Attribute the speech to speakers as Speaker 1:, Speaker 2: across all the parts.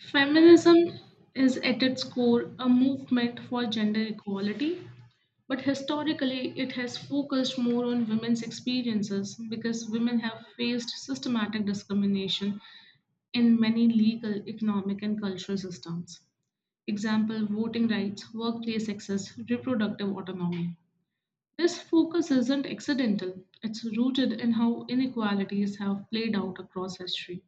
Speaker 1: Feminism is at its core a movement for gender equality, but historically it has focused more on women's experiences because women have faced systematic discrimination in many legal, economic, and cultural systems. Example voting rights, workplace access, reproductive autonomy. This focus isn't accidental, it's rooted in how inequalities have played out across history.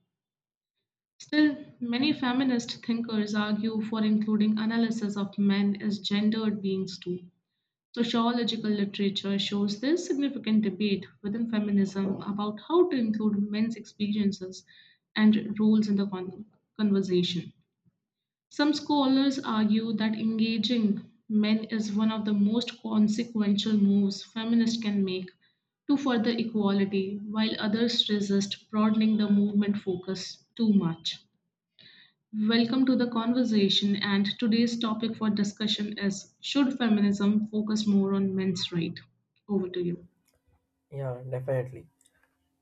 Speaker 1: Still, many feminist thinkers argue for including analysis of men as gendered beings too. Sociological literature shows this significant debate within feminism about how to include men's experiences and roles in the conversation. Some scholars argue that engaging men is one of the most consequential moves feminists can make to further equality, while others resist broadening the movement focus too much. Welcome to the conversation, and today's topic for discussion is, should feminism focus more on men's rights? Over to you.
Speaker 2: Yeah, definitely.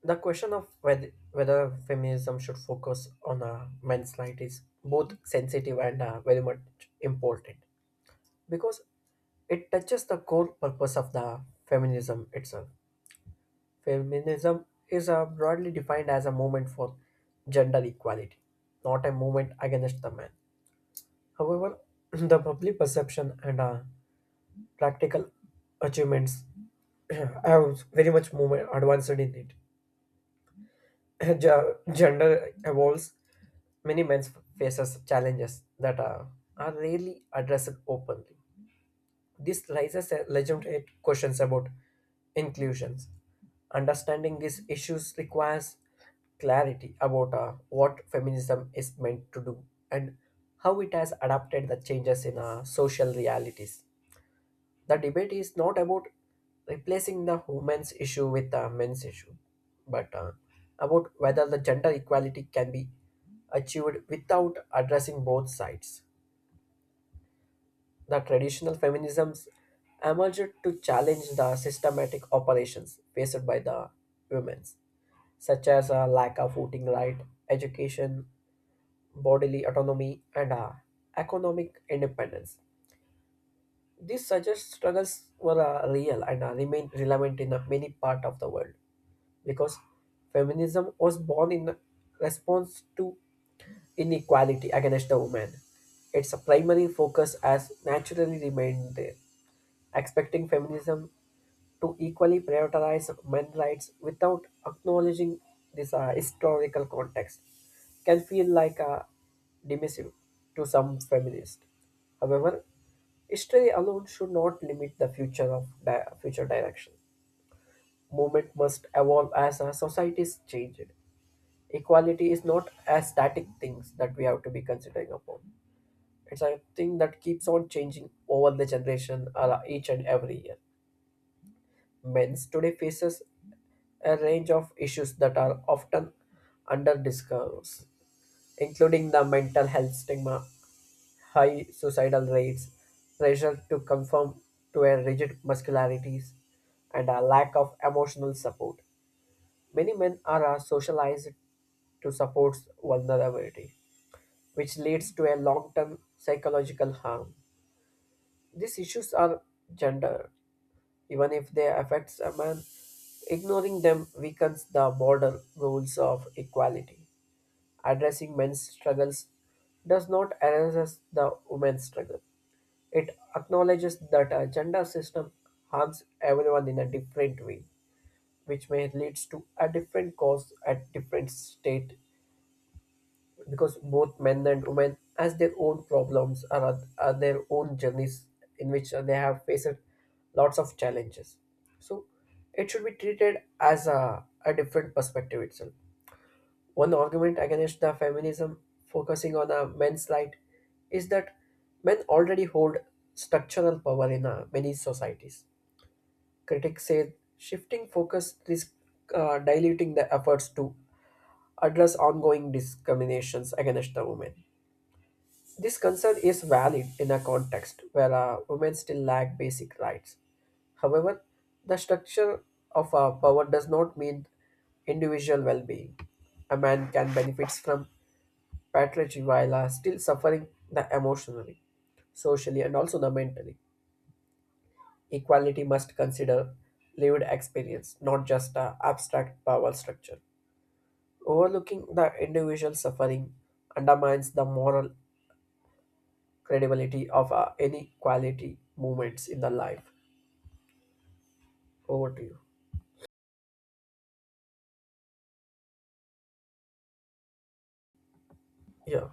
Speaker 2: The question of whether feminism should focus on men's right is both sensitive and very much important because it touches the core purpose of the feminism itself. Feminism is broadly defined as a movement for gender equality, not a movement against the man. However, the public perception and practical achievements have very much movement advanced in it. Gender evolves. Many men faces challenges that are rarely addressed openly. This raises a legitimate questions about inclusions. Understanding these issues requires clarity about what feminism is meant to do and how it has adapted the changes in social realities. The debate is not about replacing the women's issue with the men's issue, but about whether the gender equality can be achieved without addressing both sides. The traditional feminisms emerged to challenge the systematic operations faced by the women, such as a lack of voting right, education, bodily autonomy, and economic independence. These such as struggles were real and remain relevant in many parts of the world because feminism was born in response to inequality against the woman. Its primary focus has naturally remained there. Expecting feminism to equally prioritize men's rights without acknowledging this historical context can feel like a dismissive to some feminists. However, history alone should not limit the future of future direction. Movement must evolve as our societies change. Equality is not a static things that we have to be considering upon. It's a thing that keeps on changing over the generation or each and every year. Men's today faces a range of issues that are often underdiscussed, including the mental health stigma, high suicidal rates, pressure to conform to a rigid masculinities, and a lack of emotional support. Many men are socialized to support vulnerability, which leads to a long term psychological harm. These issues are gender even if they affect someone. Ignoring them weakens the broader rules of equality. Addressing men's struggles does not erase the women's struggle. It acknowledges that a gender system harms everyone in a different way, which may lead to a different cause at different state because both men and women has their own problems are their own journeys in which they have faced lots of challenges, so it should be treated as a different perspective itself. One argument against the feminism focusing on a men's right is that men already hold structural power in many societies. Critics say shifting focus risks diluting the efforts to address ongoing discriminations against the women. This concern is valid in a context where women still lack basic rights. However, the structure of power does not mean individual well being. A man can benefit from patronage while still suffering the emotionally, socially, and also the mentally. Equality must consider lived experience, not just abstract power structure. Overlooking the individual suffering undermines the moral credibility of any quality moments in the life. Over to you. Yeah,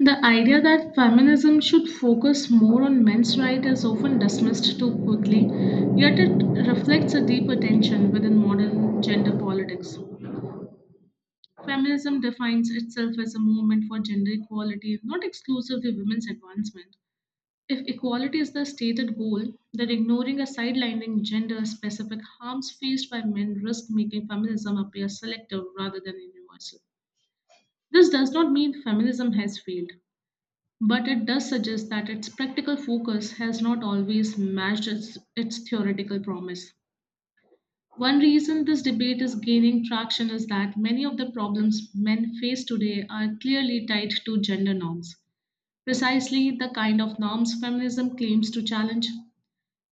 Speaker 1: The idea that feminism should focus more on men's rights is often dismissed too quickly, yet it reflects a deeper tension within modern gender politics. Feminism defines itself as a movement for gender equality, not exclusively women's advancement. If equality is the stated goal, then ignoring or sidelining gender specific harms faced by men risk making feminism appear selective rather than universal. This does not mean feminism has failed, but it does suggest that its practical focus has not always matched its theoretical promise. One reason this debate is gaining traction is that many of the problems men face today are clearly tied to gender norms, precisely the kind of norms feminism claims to challenge.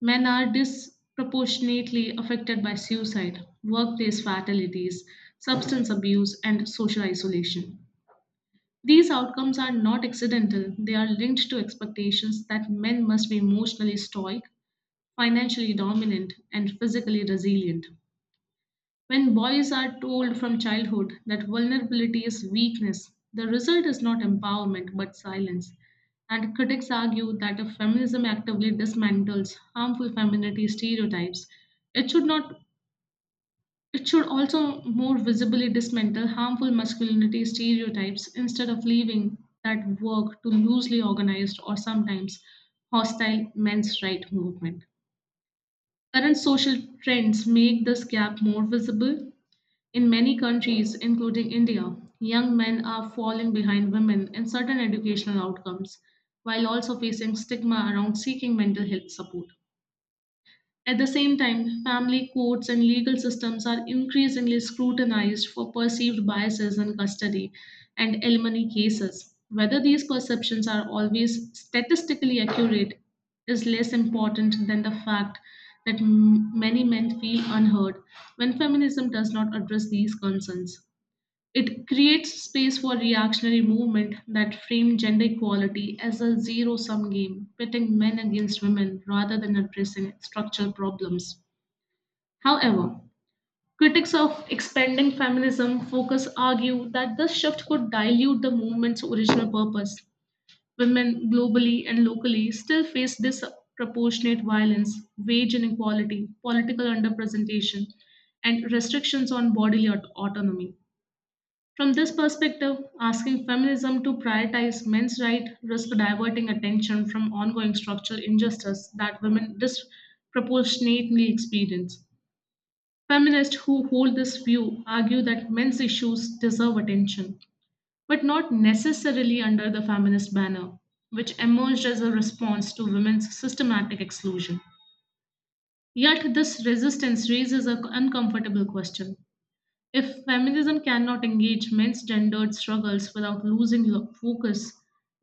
Speaker 1: Men are disproportionately affected by suicide, workplace fatalities, substance abuse, and social isolation. These outcomes are not accidental, they are linked to expectations that men must be emotionally stoic, financially dominant, and physically resilient. When boys are told from childhood that vulnerability is weakness, the result is not empowerment but silence. And critics argue that if feminism actively dismantles harmful femininity stereotypes, it should not it should also more visibly dismantle harmful masculinity stereotypes instead of leaving that work to loosely organized or sometimes hostile men's right movement. Current social trends make this gap more visible. In many countries, including India, young men are falling behind women in certain educational outcomes while also facing stigma around seeking mental health support. At the same time, family courts and legal systems are increasingly scrutinized for perceived biases in custody and alimony cases. Whether these perceptions are always statistically accurate is less important than the fact that many men feel unheard when feminism does not address these concerns. It creates space for reactionary movement that frame gender equality as a zero sum game, pitting men against women rather than addressing structural problems. However, critics of expanding feminism focus argue that this shift could dilute the movement's original purpose. Women globally and locally still face disproportionate violence, wage inequality, political underrepresentation, and restrictions on bodily autonomy. From this perspective, asking feminism to prioritize men's rights risks diverting attention from ongoing structural injustice that women disproportionately experience. Feminists who hold this view argue that men's issues deserve attention, but not necessarily under the feminist banner, which emerged as a response to women's systematic exclusion. Yet, this resistance raises an uncomfortable question. If feminism cannot engage men's gendered struggles without focus,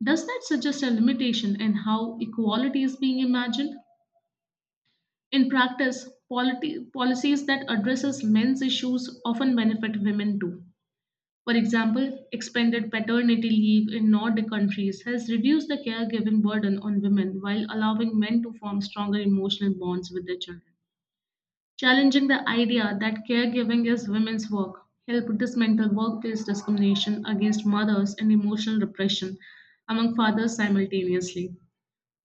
Speaker 1: does that suggest a limitation in how equality is being imagined? In practice, policies that addresses men's issues often benefit women too. For example, expanded paternity leave in Nordic countries has reduced the caregiving burden on women while allowing men to form stronger emotional bonds with their children. Challenging the idea that caregiving is women's work helped dismantle workplace discrimination against mothers and emotional repression among fathers simultaneously.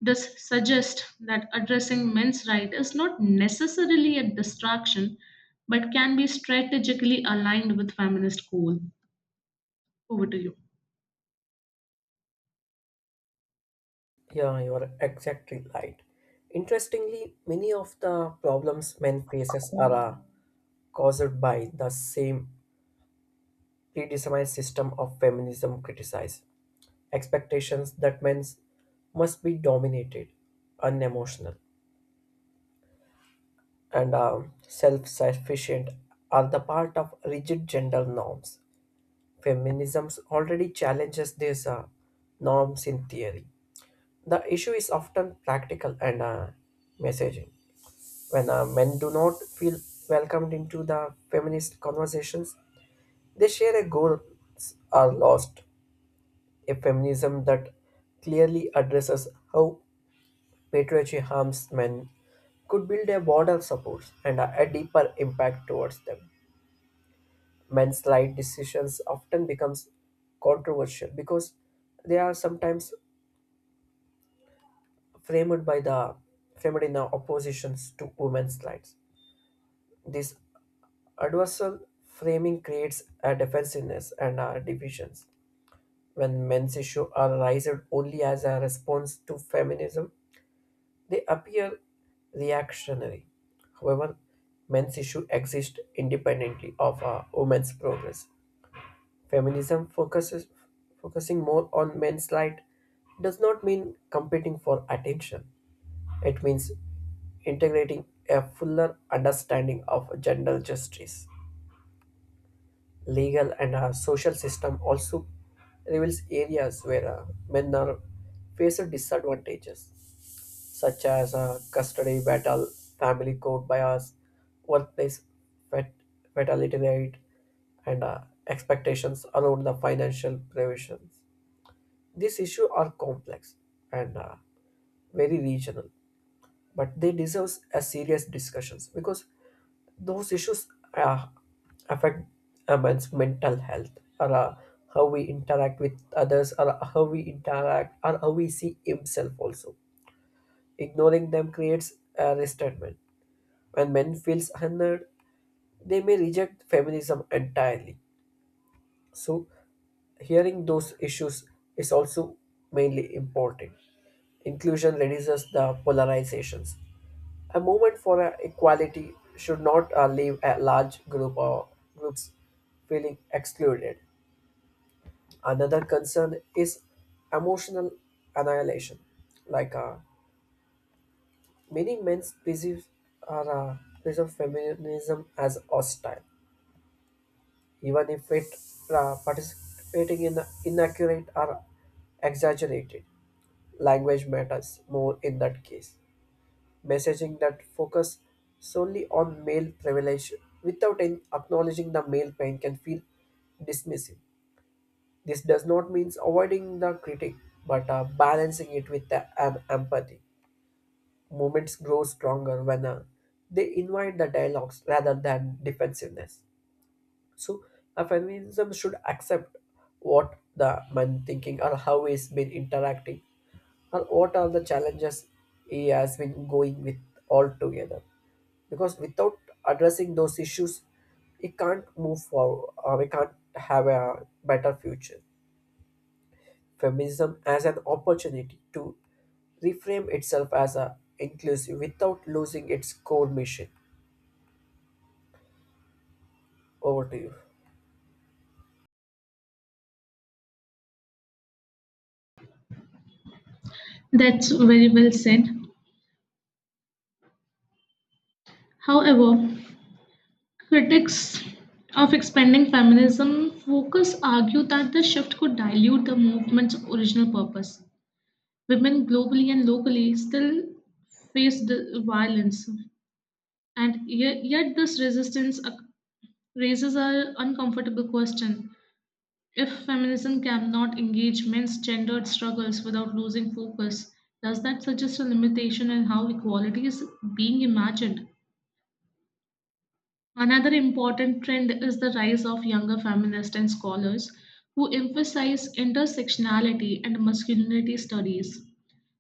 Speaker 1: This suggests that addressing men's rights is not necessarily a distraction but can be strategically aligned with feminist goal. Over to you.
Speaker 2: yeah, you are exactly right. Interestingly, many of the problems men faces are caused by the same predetermined system of feminism criticized. Expectations that men must be dominated, unemotional, and self-sufficient are the part of rigid gender norms. Feminism already challenges these norms in theory. The issue is often practical and messaging. When men do not feel welcomed into the feminist conversations, they share a goal are lost. A feminism that clearly addresses how patriarchy harms men could build a broader support and a deeper impact towards them. Men's light decisions often becomes controversial because they are sometimes framed by the framed in the oppositions to women's rights. This adversarial framing creates a defensiveness and divisions. When men's issues are raised only as a response to feminism, they appear reactionary. However, men's issues exist independently of women's progress. Feminism focuses Focusing more on men's light does not mean competing for attention. It means integrating a fuller understanding of gender justice. Legal and social system also reveals areas where men are face disadvantages, such as custody battle, family court bias, workplace fat- fatality rate, and expectations around the financial provisions. These issues are complex and very regional, but they deserve a serious discussions because those issues uh, affect one's mental health, or how we interact with others, or how we see himself also. Ignoring them creates a resentment. When men feels unheard, they may reject feminism entirely. So hearing those issues is also mainly important. Inclusion reduces the polarizations. A movement for equality should not leave a large group or groups feeling excluded. Another concern is emotional annihilation. Like uh, Many men perceive, perceive feminism as hostile, even if it participating in inaccurate or exaggerated. Language matters more in that case. Messaging that focus solely on male privilege without acknowledging the male pain can feel dismissive. This does not mean avoiding the critic, but balancing it with the empathy. Movements grow stronger when they invite the dialogues rather than defensiveness. So, a feminism should accept what the man thinking or how he's been interacting or what are the challenges he has been going with altogether, because without addressing those issues we can't move forward, we can't have a better future. Feminism as an opportunity to reframe itself as a inclusive without losing its core mission. Over to you.
Speaker 1: That's very well said. However, critics of expanding feminism focus argue that the shift could dilute the movement's original purpose. Women globally and locally still face the violence, and yet this raises an uncomfortable question. If feminism cannot engage men's gendered struggles without losing focus, does that suggest a limitation in how equality is being imagined? Another important trend is the rise of younger feminists and scholars who emphasize intersectionality and masculinity studies.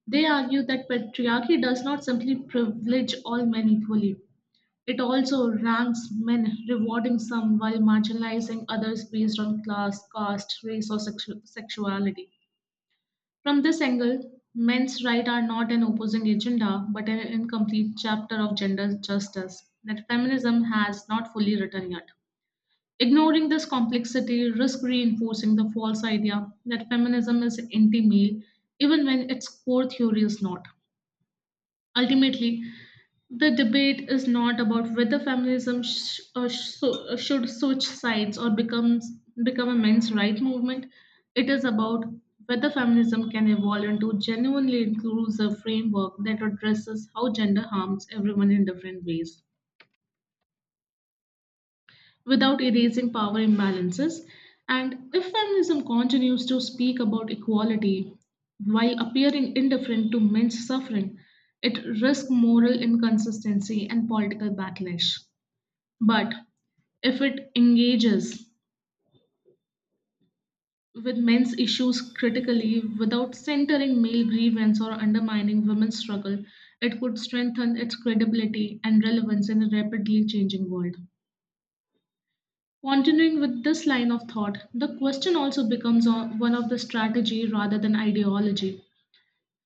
Speaker 1: They argue that patriarchy does not simply privilege all men equally, it also ranks men, rewarding some while marginalizing others based on class, caste, race, or sexuality. From this angle, men's rights are not an opposing agenda but an incomplete chapter of gender justice that feminism has not fully written yet. Ignoring this complexity risks reinforcing the false idea that feminism is anti male, even when its core theory is not. Ultimately, the debate is not about whether feminism should switch sides or become a men's right movement. It is about whether feminism can evolve into a genuinely inclusive framework that addresses how gender harms everyone in different ways, without erasing power imbalances. And if feminism continues to speak about equality while appearing indifferent to men's suffering, it risks moral inconsistency and political backlash. But if it engages with men's issues critically without centering male grievance or undermining women's struggle, it could strengthen its credibility and relevance in a rapidly changing world. Continuing with this line of thought, the question also becomes one of the strategy rather than ideology.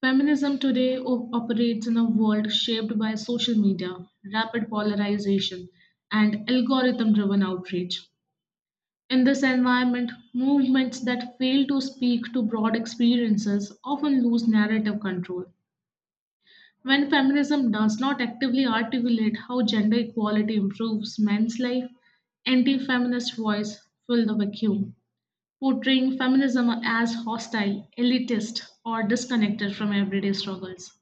Speaker 1: Feminism today operates in a world shaped by social media, rapid polarization, and algorithm driven outrage. In this environment, movements that fail to speak to broad experiences often lose narrative control. When feminism does not actively articulate how gender equality improves men's life, anti feminist voice fill the vacuum, portraying feminism as hostile, elitist, or disconnected from everyday struggles.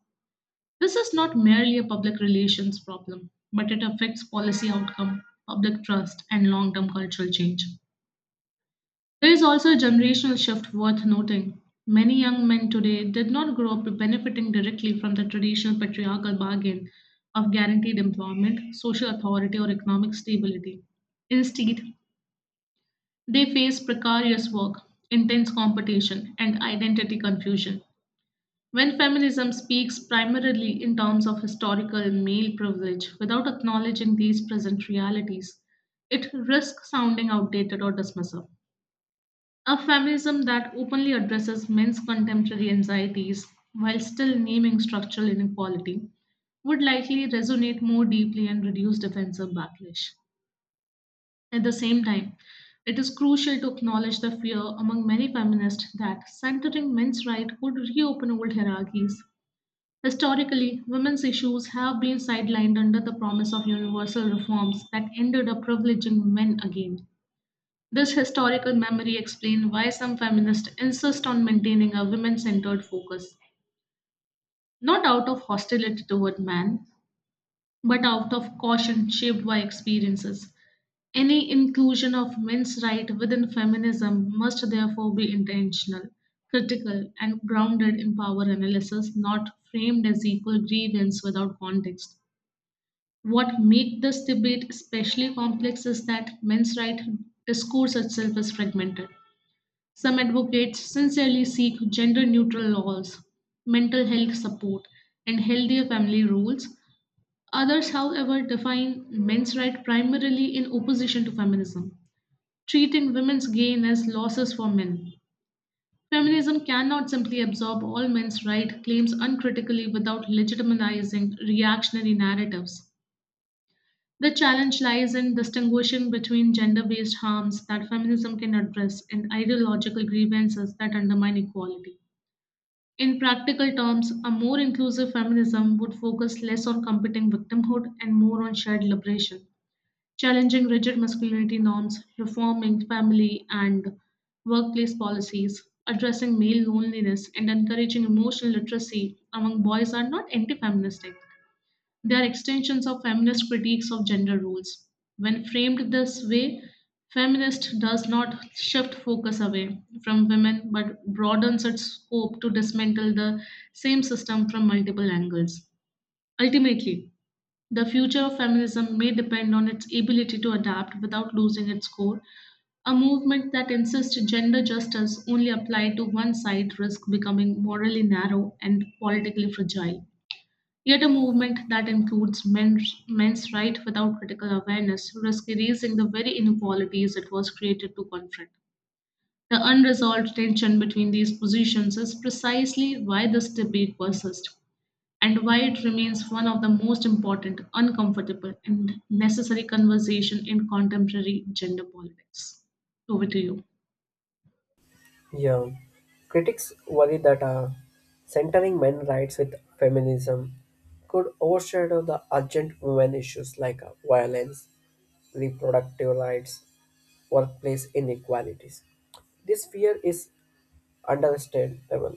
Speaker 1: This is not merely a public relations problem, but it affects policy outcome, public trust, and long term cultural change. There is also a generational shift worth noting. Many young men today did not grow up benefiting directly from the traditional patriarchal bargain of guaranteed employment, social authority, or economic stability. Instead, they face precarious work, intense competition, and identity confusion. When feminism speaks primarily in terms of historical and male privilege without acknowledging these present realities, it risks sounding outdated or dismissive. A feminism that openly addresses men's contemporary anxieties while still naming structural inequality would likely resonate more deeply and reduce defensive backlash. At the same time, it is crucial to acknowledge the fear among many feminists that centering men's rights would reopen old hierarchies. Historically, women's issues have been sidelined under the promise of universal reforms that ended up privileging men again. This historical memory explains why some feminists insist on maintaining a women centered focus, not out of hostility toward man, but out of caution shaped by experiences. Any inclusion of men's rights within feminism must therefore be intentional, critical, and grounded in power analysis, not framed as equal grievance without context. What makes this debate especially complex is that men's rights discourse itself is fragmented. Some advocates sincerely seek gender neutral laws, mental health support, and healthier family rules. Others, however, define men's rights primarily in opposition to feminism, treating women's gain as losses for men. Feminism cannot simply absorb all men's right claims uncritically without legitimizing reactionary narratives. The challenge lies in distinguishing between gender based harms that feminism can address and ideological grievances that undermine equality. In practical terms, a more inclusive feminism would focus less on competing victimhood and more on shared liberation. Challenging rigid masculinity norms, reforming family and workplace policies, addressing male loneliness, and encouraging emotional literacy among boys are not anti feministic. They are extensions of feminist critiques of gender roles. When framed this way, feminist does not shift focus away from women but broadens its scope to dismantle the same system from multiple angles. Ultimately, the future of feminism may depend on its ability to adapt without losing its core. A movement that insists gender justice only applied to one side risks becoming morally narrow and politically fragile. Yet a movement that includes men's rights without critical awareness risks erasing the very inequalities it was created to confront. The unresolved tension between these positions is precisely why this debate persists and why it remains one of the most important, uncomfortable, and necessary conversation in contemporary gender politics. Over to you.
Speaker 2: Yeah, critics worry that centering men's rights with feminism could overshadow the urgent women issues like violence, reproductive rights, workplace inequalities. This fear is understandable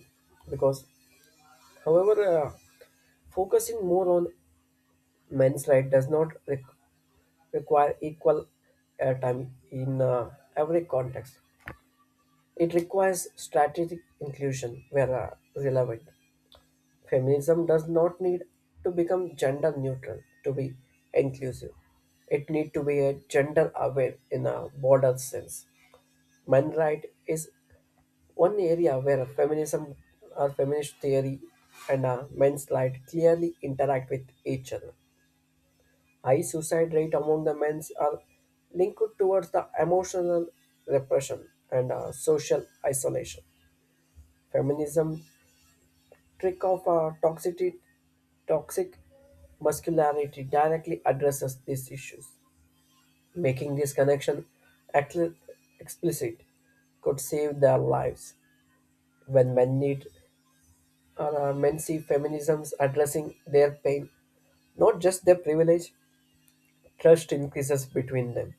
Speaker 2: because however, focusing more on men's right does not require equal airtime in every context. It requires strategic inclusion where relevant. Feminism does not need to become gender neutral to be inclusive, it need to be a gender aware in a broader sense. Men's right is one area where feminism or feminist theory and men's light clearly interact with each other. High suicide rate among the men's are linked towards the emotional repression and social isolation. Feminism trick of toxicity, toxic masculinity, directly addresses these issues. Making this connection atl- explicit could save their lives when men need. Or men see feminisms addressing their pain, not just their privilege, trust increases between them,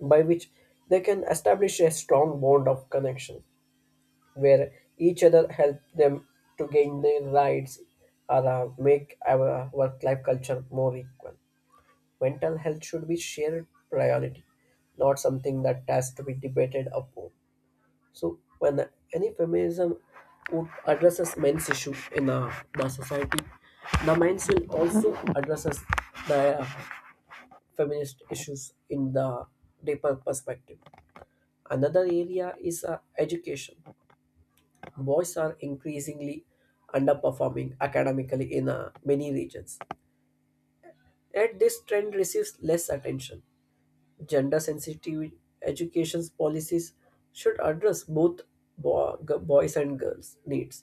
Speaker 2: by which they can establish a strong bond of connection where each other help them to gain their rights, or make our work life culture more equal. Mental health should be shared priority, not something that has to be debated upon. So when any feminism would addresses men's issue in the society, the men's will also addresses the feminist issues in the deeper perspective. Another area is education. Boys are increasingly underperforming academically in many regions. Yet this trend receives less attention. Gender sensitive education policies should address both boys and girls' needs.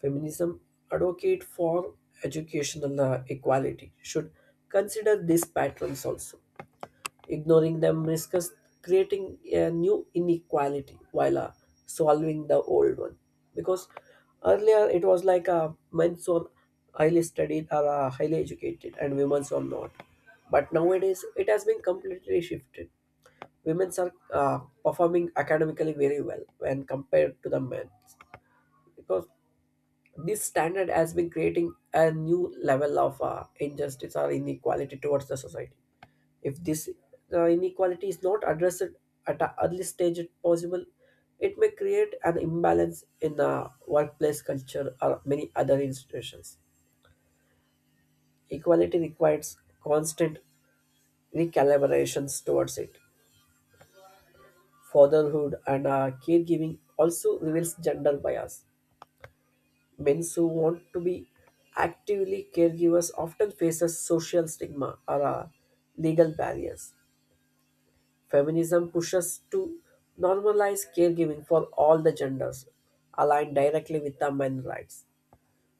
Speaker 2: Feminism advocate for educational equality should consider these patterns also. Ignoring them risks creating a new inequality while solving the old one. Because earlier it was like men's are highly studied or highly educated and women's are not. But nowadays it has been completely shifted. Women's are performing academically very well when compared to the men, because this standard has been creating a new level of injustice or inequality towards the society. If this inequality is not addressed at an early stage if possible, it may create an imbalance in the workplace culture or many other institutions. Equality requires constant recalibrations towards it. Fatherhood and caregiving also reveals gender bias. Men's who want to be actively caregivers often faces social stigma or legal barriers. Feminism pushes to normalize caregiving for all the genders, aligned directly with the men's rights.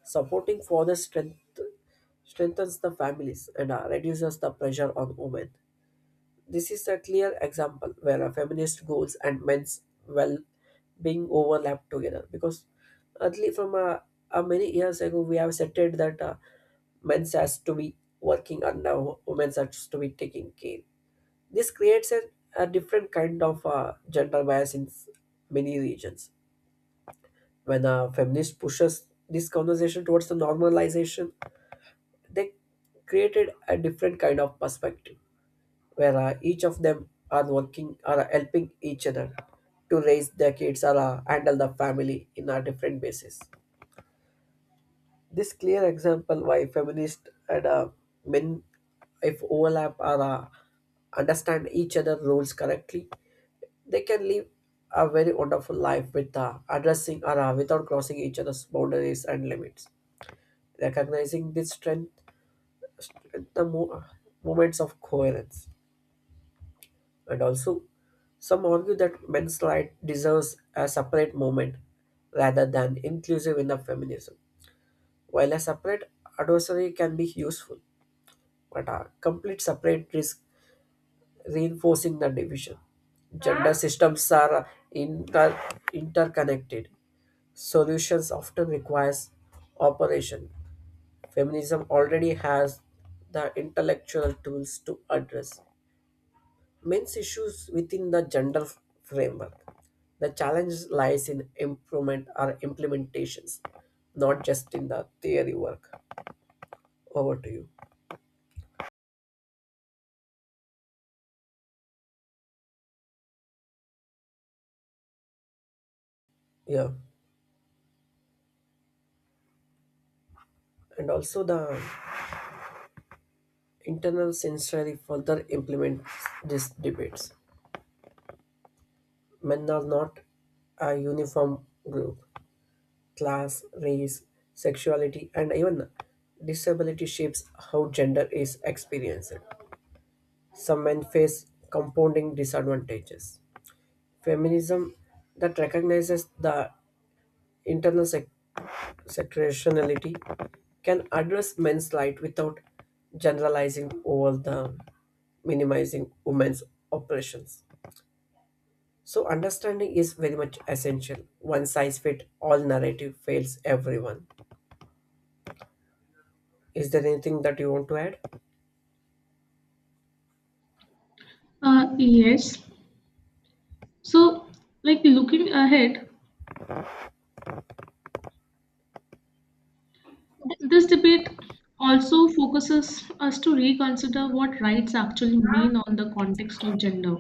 Speaker 2: Supporting fathers strength, Strengthens the families and reduces the pressure on women. This is a clear example where a feminist goals and men's well being overlap together, because early from many years ago we have stated that men's has to be working and now women's has to be taking care. This creates a different kind of gender bias in many regions. When a feminist pushes this conversation towards the normalization, they created a different kind of perspective where each of them are working or helping each other to raise their kids, or handle the family in a different basis. This clear example why feminists and men, if overlap or understand each other roles correctly, they can live a very wonderful life with addressing or without crossing each other's boundaries and limits. Recognizing this strength, the moments of coherence. And also, some argue that men's rights deserves a separate movement rather than inclusive in the feminism. While a separate adversary can be useful, but a complete separate risk reinforcing the division. Gender systems are interconnected. Solutions often requires operation. Feminism already has the intellectual tools to address men's issues within the gender framework. The challenge lies in improvement or implementations, not just in the theory work. Over to you. Yeah. And also the internal sensory further implements these debates. Men are not a uniform group. Class, race, sexuality, and even disability shapes how gender is experienced. Some men face compounding disadvantages. Feminism that recognizes the internal secretionality can address men's plight without generalizing over the minimizing women's oppressions. So understanding is very much essential. One size fit all narrative fails everyone. Is there anything that you want to add?
Speaker 1: Yes. So, Looking ahead, this debate also focuses us to reconsider what rights actually mean on the context of gender.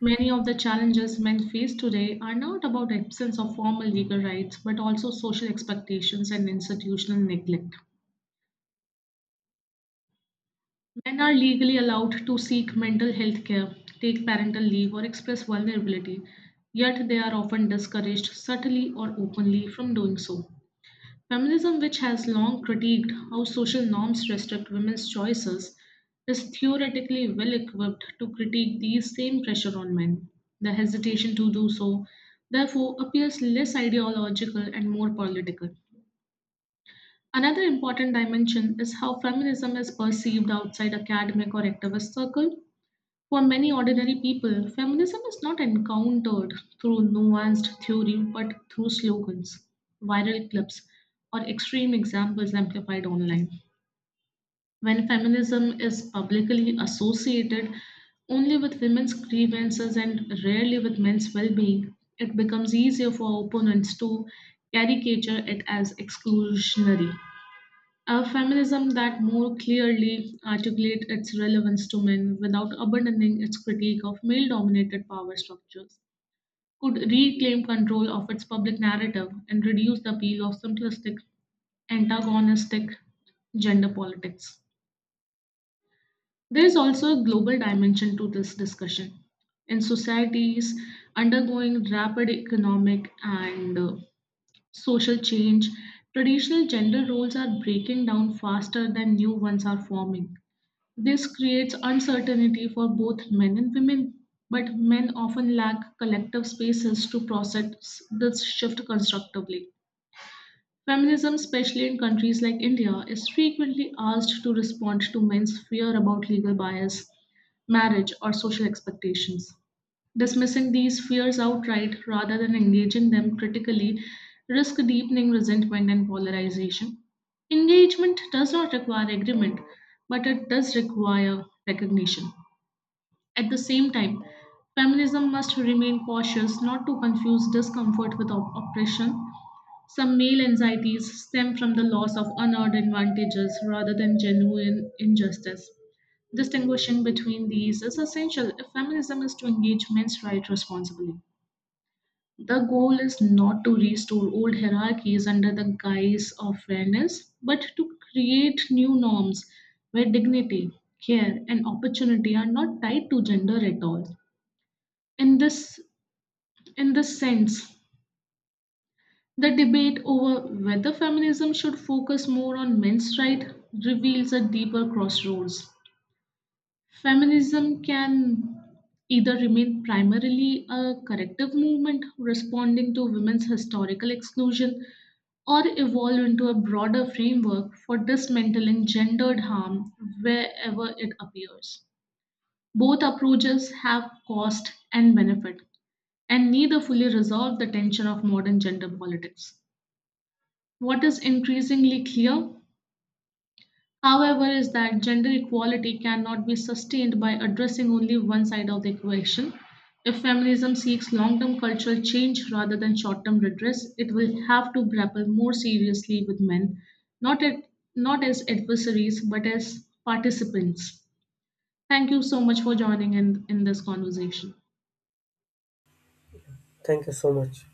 Speaker 1: Many of the challenges men face today are not about absence of formal legal rights, but also social expectations and institutional neglect. Men are legally allowed to seek mental health care, take parental leave, or express vulnerability, yet they are often discouraged subtly or openly from doing so. Feminism, which has long critiqued how social norms restrict women's choices, is theoretically well equipped to critique these same pressure on men. The hesitation to do so, therefore, appears less ideological and more political. Another important dimension is how feminism is perceived outside academic or activist circle. For many ordinary people, feminism is not encountered through nuanced theory but through slogans, viral clips, or extreme examples amplified online. When feminism is publicly associated only with women's grievances and rarely with men's well being, it becomes easier for opponents to caricature it as exclusionary. A feminism that more clearly articulates its relevance to men without abandoning its critique of male dominated power structures could reclaim control of its public narrative and reduce the appeal of simplistic, antagonistic gender politics. There is also a global dimension to this discussion. In societies undergoing rapid economic and social change, traditional gender roles are breaking down faster than new ones are forming. This creates uncertainty for both men and women, but men often lack collective spaces to process this shift constructively. Feminism, especially in countries like India, is frequently asked to respond to men's fear about legal bias, marriage, or social expectations. Dismissing these fears outright rather than engaging them critically risk deepening resentment and polarization. Engagement does not require agreement, but it does require recognition. At the same time, feminism must remain cautious not to confuse discomfort with oppression. Some male anxieties stem from the loss of unearned advantages rather than genuine injustice. Distinguishing between these is essential if feminism is to engage men's rights responsibly. The goal is not to restore old hierarchies under the guise of fairness, but to create new norms where dignity, care, and opportunity are not tied to gender at all. In this, in this sense, the debate over whether feminism should focus more on men's rights reveals a deeper crossroads. Feminism can either remain primarily a corrective movement responding to women's historical exclusion or evolve into a broader framework for dismantling gendered harm wherever it appears. Both approaches have cost and benefit, and neither fully resolve the tension of modern gender politics. What is increasingly clear, however, is that gender equality cannot be sustained by addressing only one side of the equation. If feminism seeks long term cultural change rather than short term redress, it will have to grapple more seriously with men, not, at, not as adversaries, but as participants. Thank you so much for joining in this conversation.
Speaker 2: Thank you so much.